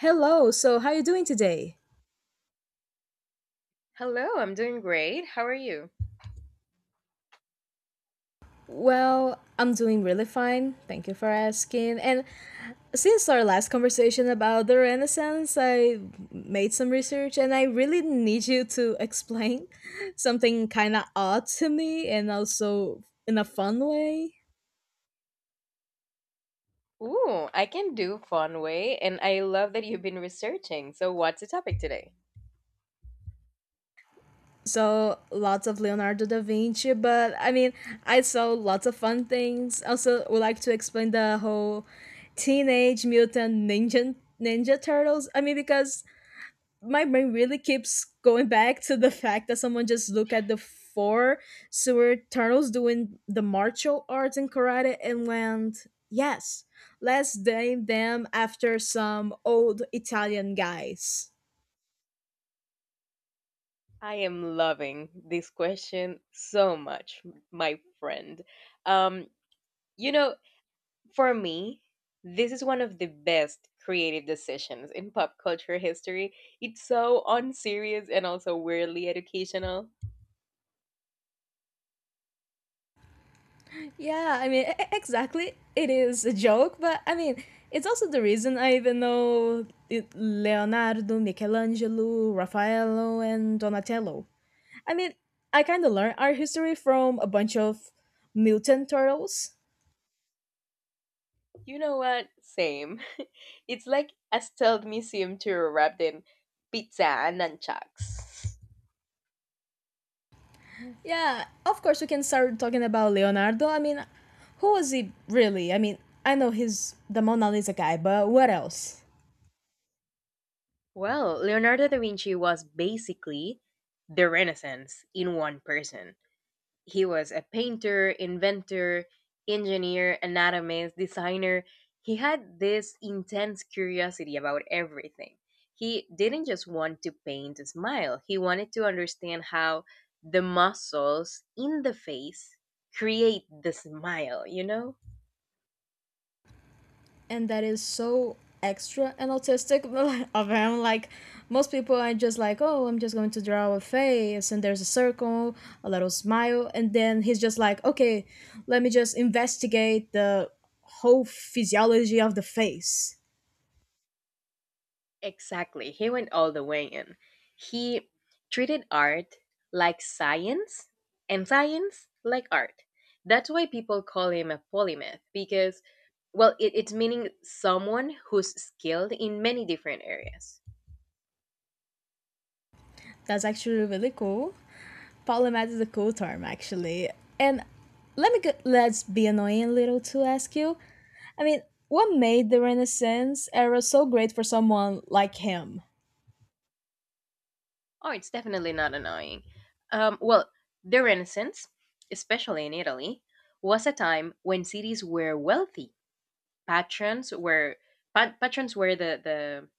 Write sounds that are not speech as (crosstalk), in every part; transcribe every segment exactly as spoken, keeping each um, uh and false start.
Hello, so how are you doing today? Hello, I'm doing great. How are you? Well, I'm doing really fine. Thank you for asking. And since our last conversation about the Renaissance, I made some research and I really need you to explain (laughs) something kind of odd to me and also in a fun way. Ooh, I can do fun way, and I love that you've been researching. So, what's the topic today? So, lots of Leonardo da Vinci, but I mean, I saw lots of fun things. Also, would like to explain the whole Teenage Mutant Ninja Ninja Turtles. I mean, because my brain really keeps going back to the fact that someone just look at the four sewer turtles doing the martial arts in karate and went, yes, let's name them after some old Italian guys. I am loving this question so much, my friend. Um, you know, for me, this is one of the best creative decisions in pop culture history. It's so unserious and also weirdly educational. Yeah, I mean, e- e- exactly. It is a joke, but I mean, it's also the reason I even know it- Leonardo, Michelangelo, Raffaello, and Donatello. I mean, I kind of learned our history from a bunch of mutant turtles. You know what? Same. (laughs) It's like a stealth museum tour wrapped in pizza and nunchucks. Yeah, of course we can start talking about Leonardo. I mean, who was he really? I mean, I know he's the Mona Lisa guy, but what else? Well, Leonardo da Vinci was basically the Renaissance in one person. He was a painter, inventor, engineer, anatomist, designer. He had this intense curiosity about everything. He didn't just want to paint a smile, he wanted to understand how the muscles in the face create the smile, you know? And that is so extra and autistic (laughs) of him. Like, most people are just like, oh, I'm just going to draw a face, and there's a circle, a little smile, and then he's just like, okay, let me just investigate the whole physiology of the face. Exactly. He went all the way in. He treated art like science and science like art. That's why people call him a polymath because, well, it, it's meaning someone who's skilled in many different areas. That's actually really cool. Polymath is a cool term, actually. And let me go, let's be annoying a little to ask you. I mean, what made the Renaissance era so great for someone like him? Oh, it's definitely not annoying. Um, well, the Renaissance, especially in Italy, was a time when cities were wealthy. Patrons were pa- patrons were the, the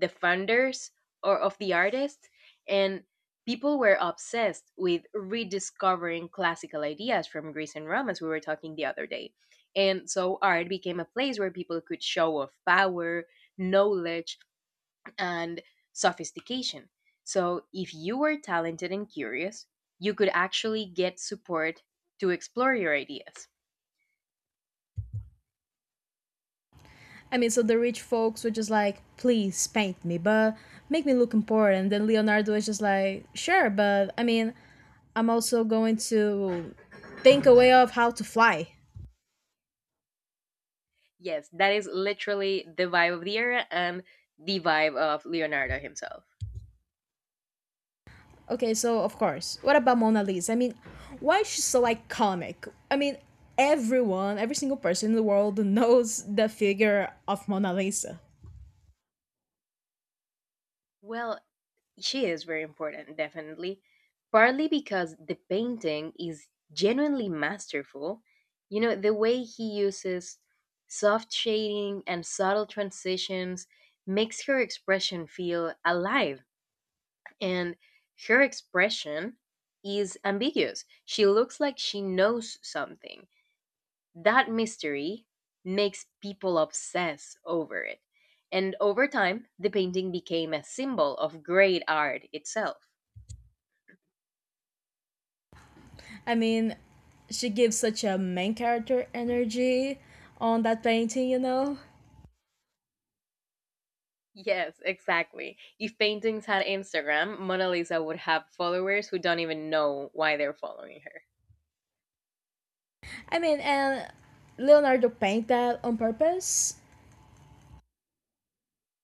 the funders or of the artists, and people were obsessed with rediscovering classical ideas from Greece and Rome, as we were talking the other day. And so art became a place where people could show off power, knowledge, and sophistication. So if you were talented and curious, you could actually get support to explore your ideas. I mean, so the rich folks were just like, please paint me, but make me look important. Then Leonardo is just like, sure, but I mean, I'm also going to think a way of how to fly. Yes, that is literally the vibe of the era and the vibe of Leonardo himself. Okay, so of course. What about Mona Lisa? I mean, why is she so iconic? I mean, everyone, every single person in the world knows the figure of Mona Lisa. Well, she is very important, definitely. Partly because the painting is genuinely masterful. You know, the way he uses soft shading and subtle transitions makes her expression feel alive. And her expression is ambiguous. She looks like she knows something. That mystery makes people obsess over it. And over time, the painting became a symbol of great art itself. I mean, she gives such a main character energy on that painting, you know? Yes, exactly. If paintings had Instagram, Mona Lisa would have followers who don't even know why they're following her. I mean, and Leonardo paint that on purpose.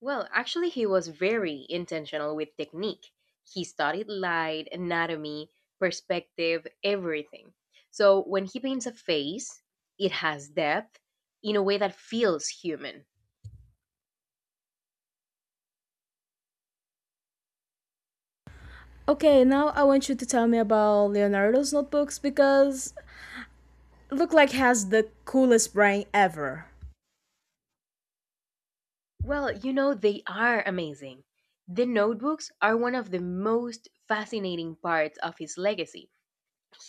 Well, actually, he was very intentional with technique. He studied light, anatomy, perspective, everything. So when he paints a face, it has depth in a way that feels human. Okay, now I want you to tell me about Leonardo's notebooks because look like he has the coolest brain ever. Well, you know, they are amazing. The notebooks are one of the most fascinating parts of his legacy.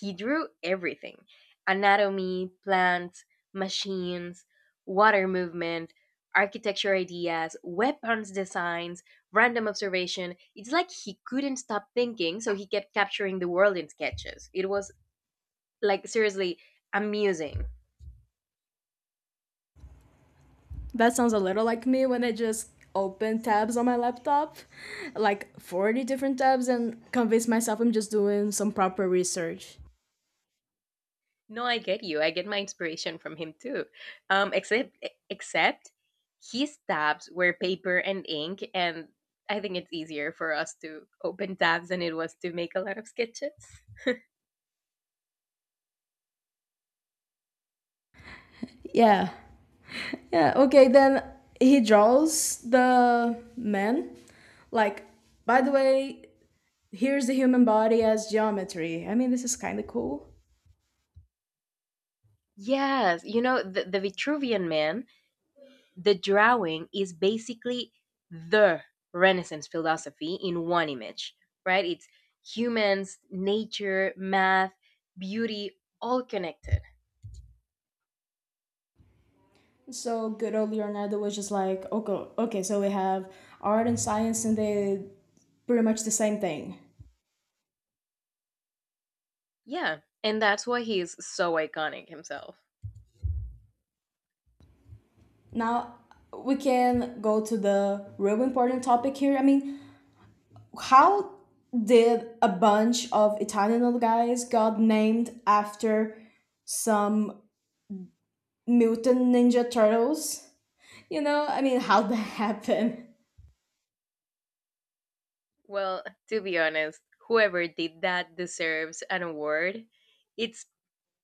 He drew everything: anatomy, plants, machines, water movement, architecture ideas, weapons designs, random observation. It's like he couldn't stop thinking, so he kept capturing the world in sketches. It was like seriously amusing. That sounds a little like me when I just open tabs on my laptop, like forty different tabs, and convince myself I'm just doing some proper research. No, I get you. I get my inspiration from him too. Um, except e, except his tabs were paper and ink, and I think it's easier for us to open tabs than it was to make a lot of sketches. Yeah. Yeah. Okay, then he draws the man. Like, by the way, here's the human body as geometry. I mean, this is kind of cool. Yes, you know, the, the Vitruvian Man, the drawing is basically the Renaissance philosophy in one image, right? It's humans, nature, math, beauty, all connected. So good old Leonardo was just like, okay, okay, so we have art and science, and they pretty much the same thing. Yeah, and that's why he is so iconic himself. Now we can go to the real important topic here. I mean, how did a bunch of Italian little guys got named after some mutant ninja turtles? You know, I mean, how that (laughs) happen? Well, to be honest, whoever did that deserves an award. It's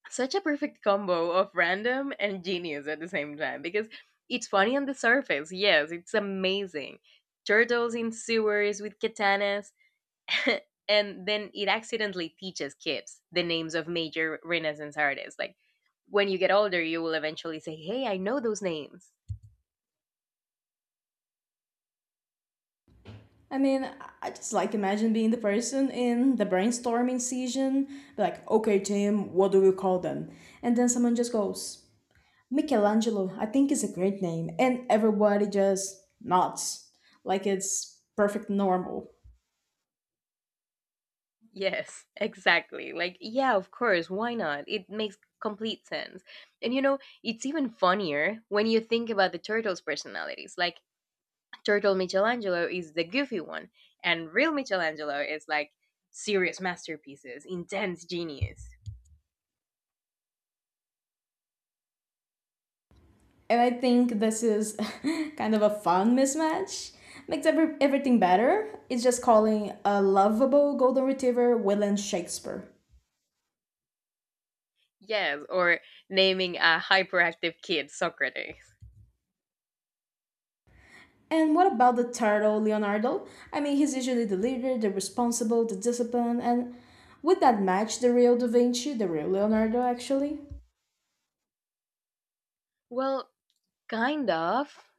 such a perfect combo of random and genius at the same time because it's funny on the surface. Yes, it's amazing. Turtles in sewers with katanas. (laughs) And then it accidentally teaches kids the names of major Renaissance artists. Like when you get older, you will eventually say, "Hey, I know those names." I mean, I just like imagine being the person in the brainstorming session, be like, okay, team, what do we call them? And then someone just goes, Michelangelo, I think is a great name, and everybody just nods like it's perfect normal. Yes, (laughs) exactly. Like, yeah, of course, why not? It makes complete sense. And you know, it's even funnier when you think about the turtles' personalities. Like, Turtle Michelangelo is the goofy one, and real Michelangelo is like serious masterpieces, intense genius. And I think this is (laughs) kind of a fun mismatch. Makes every, everything better. It's just calling a lovable golden retriever William Shakespeare. Yes, or naming a hyperactive kid Socrates. And what about the turtle Leonardo? I mean, he's usually the leader, the responsible, the disciplined, and would that match the real Da Vinci, the real Leonardo actually? Well, kind of,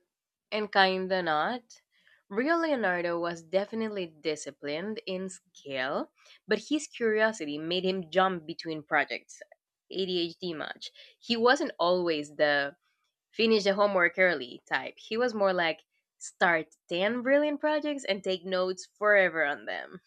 and kinda not. Real Leonardo was definitely disciplined in skill, but his curiosity made him jump between projects. A D H D much. He wasn't always the finish the homework early type. He was more like start ten brilliant projects and take notes forever on them.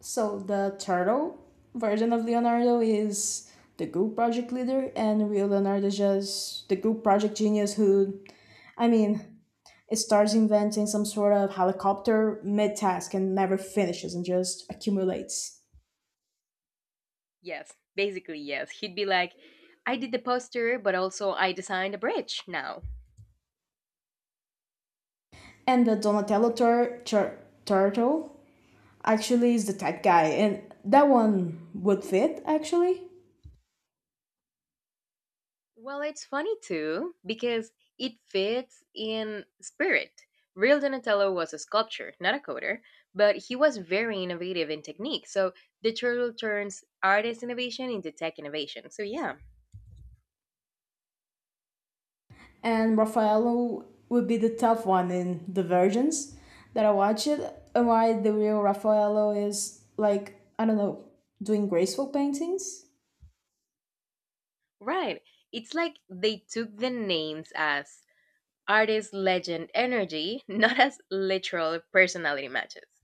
So the turtle version of Leonardo is the group project leader, and real Leonardo is just the group project genius who, I mean, it starts inventing some sort of helicopter mid task and never finishes and just accumulates. Yes, basically, yes. He'd be like, "I did the poster, but also I designed a bridge now." And the Donatello tur- tur- turtle actually is the tech guy, and that one would fit actually. Well, it's funny too, because it fits in spirit. Real Donatello was a sculptor, not a coder, but he was very innovative in technique. So the turtle turns artist innovation into tech innovation. So, yeah, And Raffaello would be the tough one in The Virgins that I watched, and why the real Raffaello is like I don't know doing graceful paintings, right. It's like they took the names as artist legend energy, (laughs) not as literal personality matches.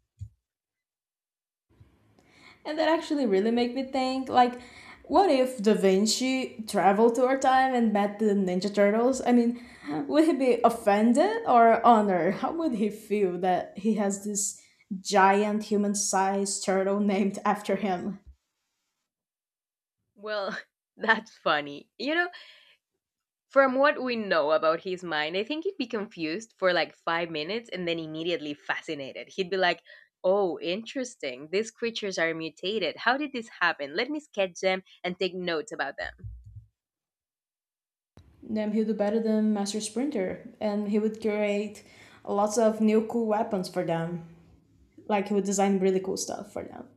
and that actually really made me think like. What if Da Vinci traveled to our time and met the Ninja Turtles? I mean, would he be offended or honored? How would he feel that he has this giant human sized turtle named after him? Well, (laughs) that's funny. You know, from what we know about his mind, I think he'd be confused for like five minutes and then immediately fascinated. He'd be like, "Oh, interesting. These creatures are mutated. How did this happen? Let me sketch them and take notes about them." Then he would be better than Master Sprinter, and he would create lots of new cool weapons for them. Like he would design really cool stuff for them.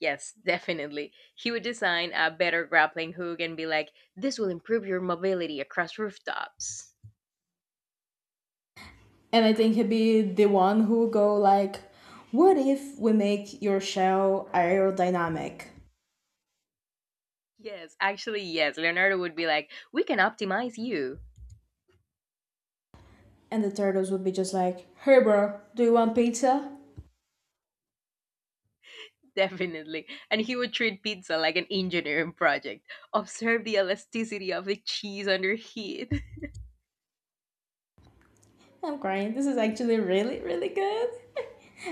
Yes, (laughs) definitely. He would design a better grappling hook and be like, "This will improve your mobility across rooftops." And I think he'd be the one who would go like, "What if we make your shell aerodynamic?" Yes, actually, yes. Leonardo would be like, "We can optimize you." And the turtles would be just like, "Hey, bro, do you want pizza?" (laughs) Definitely. And he would treat pizza like an engineering project. Observe the elasticity of the cheese under heat. (laughs) I'm crying. This is actually really, really good.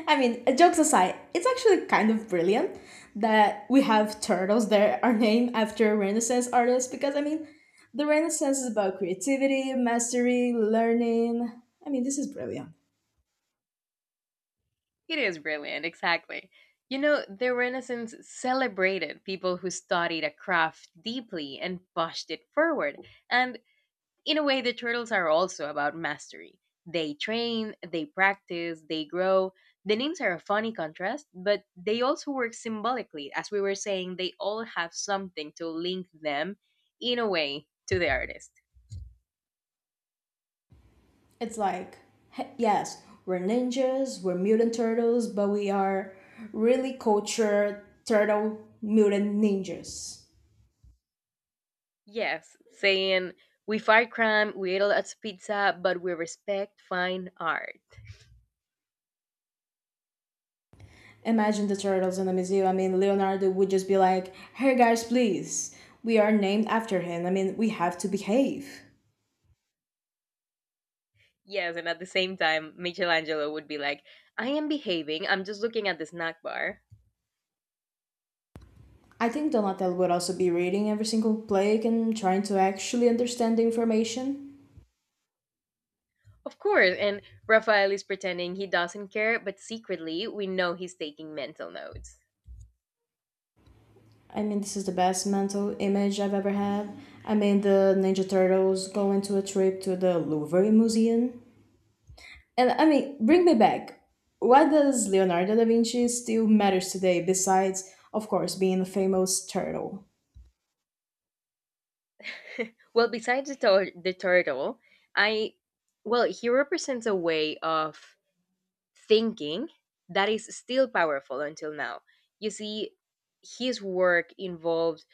I mean, uh, jokes aside, it's actually kind of brilliant that we have turtles that are named after Renaissance artists because, I mean, the Renaissance is about creativity, mastery, learning. I mean, this is brilliant. It is brilliant, exactly. You know, the Renaissance celebrated people who studied a craft deeply and pushed it forward. And in a way, the turtles are also about mastery. They train, they practice, they grow. The names are a funny contrast, but they also work symbolically. As we were saying, they all have something to link them, in a way, to the artist. It's like, he- yes, we're ninjas, we're mutant turtles, but we are really cultured turtle mutant ninjas. Yes, saying, we fight crime, we eat a lot of pizza, but we respect fine art. Imagine the turtles in the museum. I mean, Leonardo would just be like, hey guys, please, we are named after him. I mean, we have to behave. Yes, and at the same time, Michelangelo would be like, "I am behaving, I'm just looking at the snack bar." I think Donatello would also be reading every single plague and trying to actually understand the information. Of course, and Raphael is pretending he doesn't care, but secretly we know he's taking mental notes. I mean, this is the best mental image I've ever had. I mean, the Ninja Turtles go into a trip to the Louvre Museum. And I mean, bring me back. Why does Leonardo da Vinci still matters today besides, of course, being a famous turtle? Well, besides the, tur- the turtle, I well, he represents a way of thinking that is still powerful until now. You see, his work involved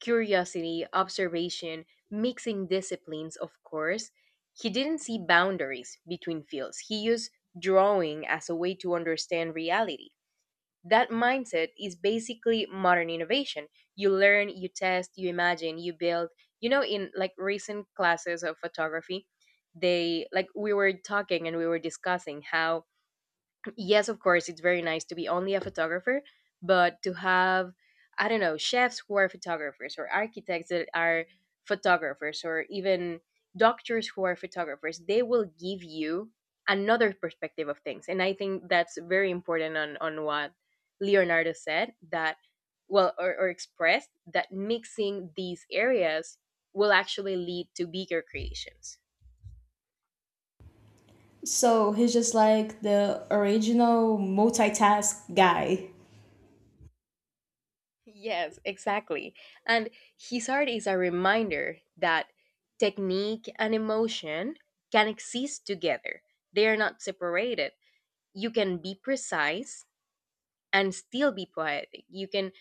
curiosity, observation, mixing disciplines, of course. He didn't see boundaries between fields. He used drawing as a way to understand reality. That mindset is basically modern innovation. You learn, you test, you imagine, you build. You know, in like recent classes of photography, they like, we were talking and we were discussing how, yes, of course, it's very nice to be only a photographer, but to have, I don't know, chefs who are photographers or architects that are photographers or even doctors who are photographers, they will give you another perspective of things. And I think that's very important on, on what Leonardo said, that, well, or, or expressed, that mixing these areas will actually lead to bigger creations. So he's just like the original multitask guy. Yes, exactly. And his art is a reminder that technique and emotion can exist together, they are not separated. You can be precise and still be poetic. You can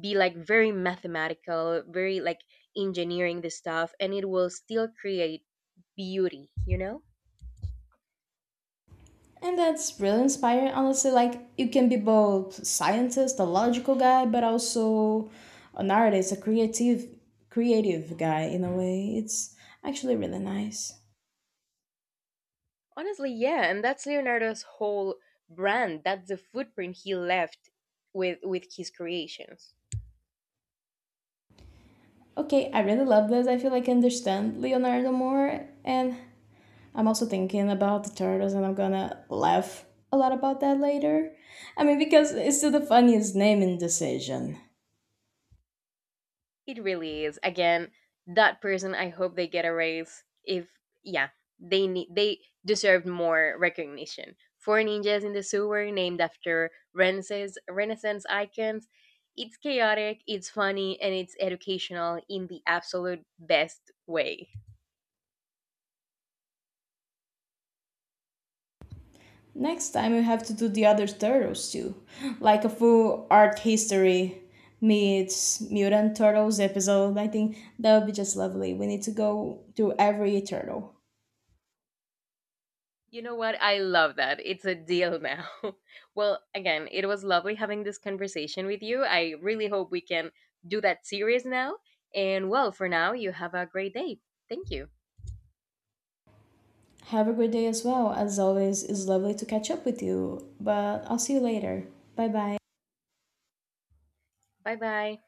be like very mathematical, very like engineering the stuff, and it will still create beauty, you know? And that's really inspiring, honestly. Like, you can be both scientist, a logical guy, but also an artist, a creative, creative guy in a way. It's actually really nice. Honestly, yeah. And that's Leonardo's whole brand. That's the footprint he left with with his creations. Okay, I really love this. I feel like I understand Leonardo more, and I'm also thinking about the turtles, and I'm gonna laugh a lot about that later. I mean, because it's still the funniest naming decision. It really is. Again, that person, I hope they get a raise. If yeah, they need they deserved more recognition. Four ninjas in the sewer, named after Renaissance Renaissance icons. It's chaotic, it's funny, and it's educational in the absolute best way. Next time you have to do the other turtles too, like a full art history meets mutant turtles episode. I think that would be just lovely. We need to go through every turtle. You know what? I love that. It's a deal now. (laughs) Well, again, it was lovely having this conversation with you. I really hope we can do that series now. And well, for now, you have a great day. Thank you. Have a great day as well. As always, it's lovely to catch up with you. But I'll see you later. Bye bye. Bye bye.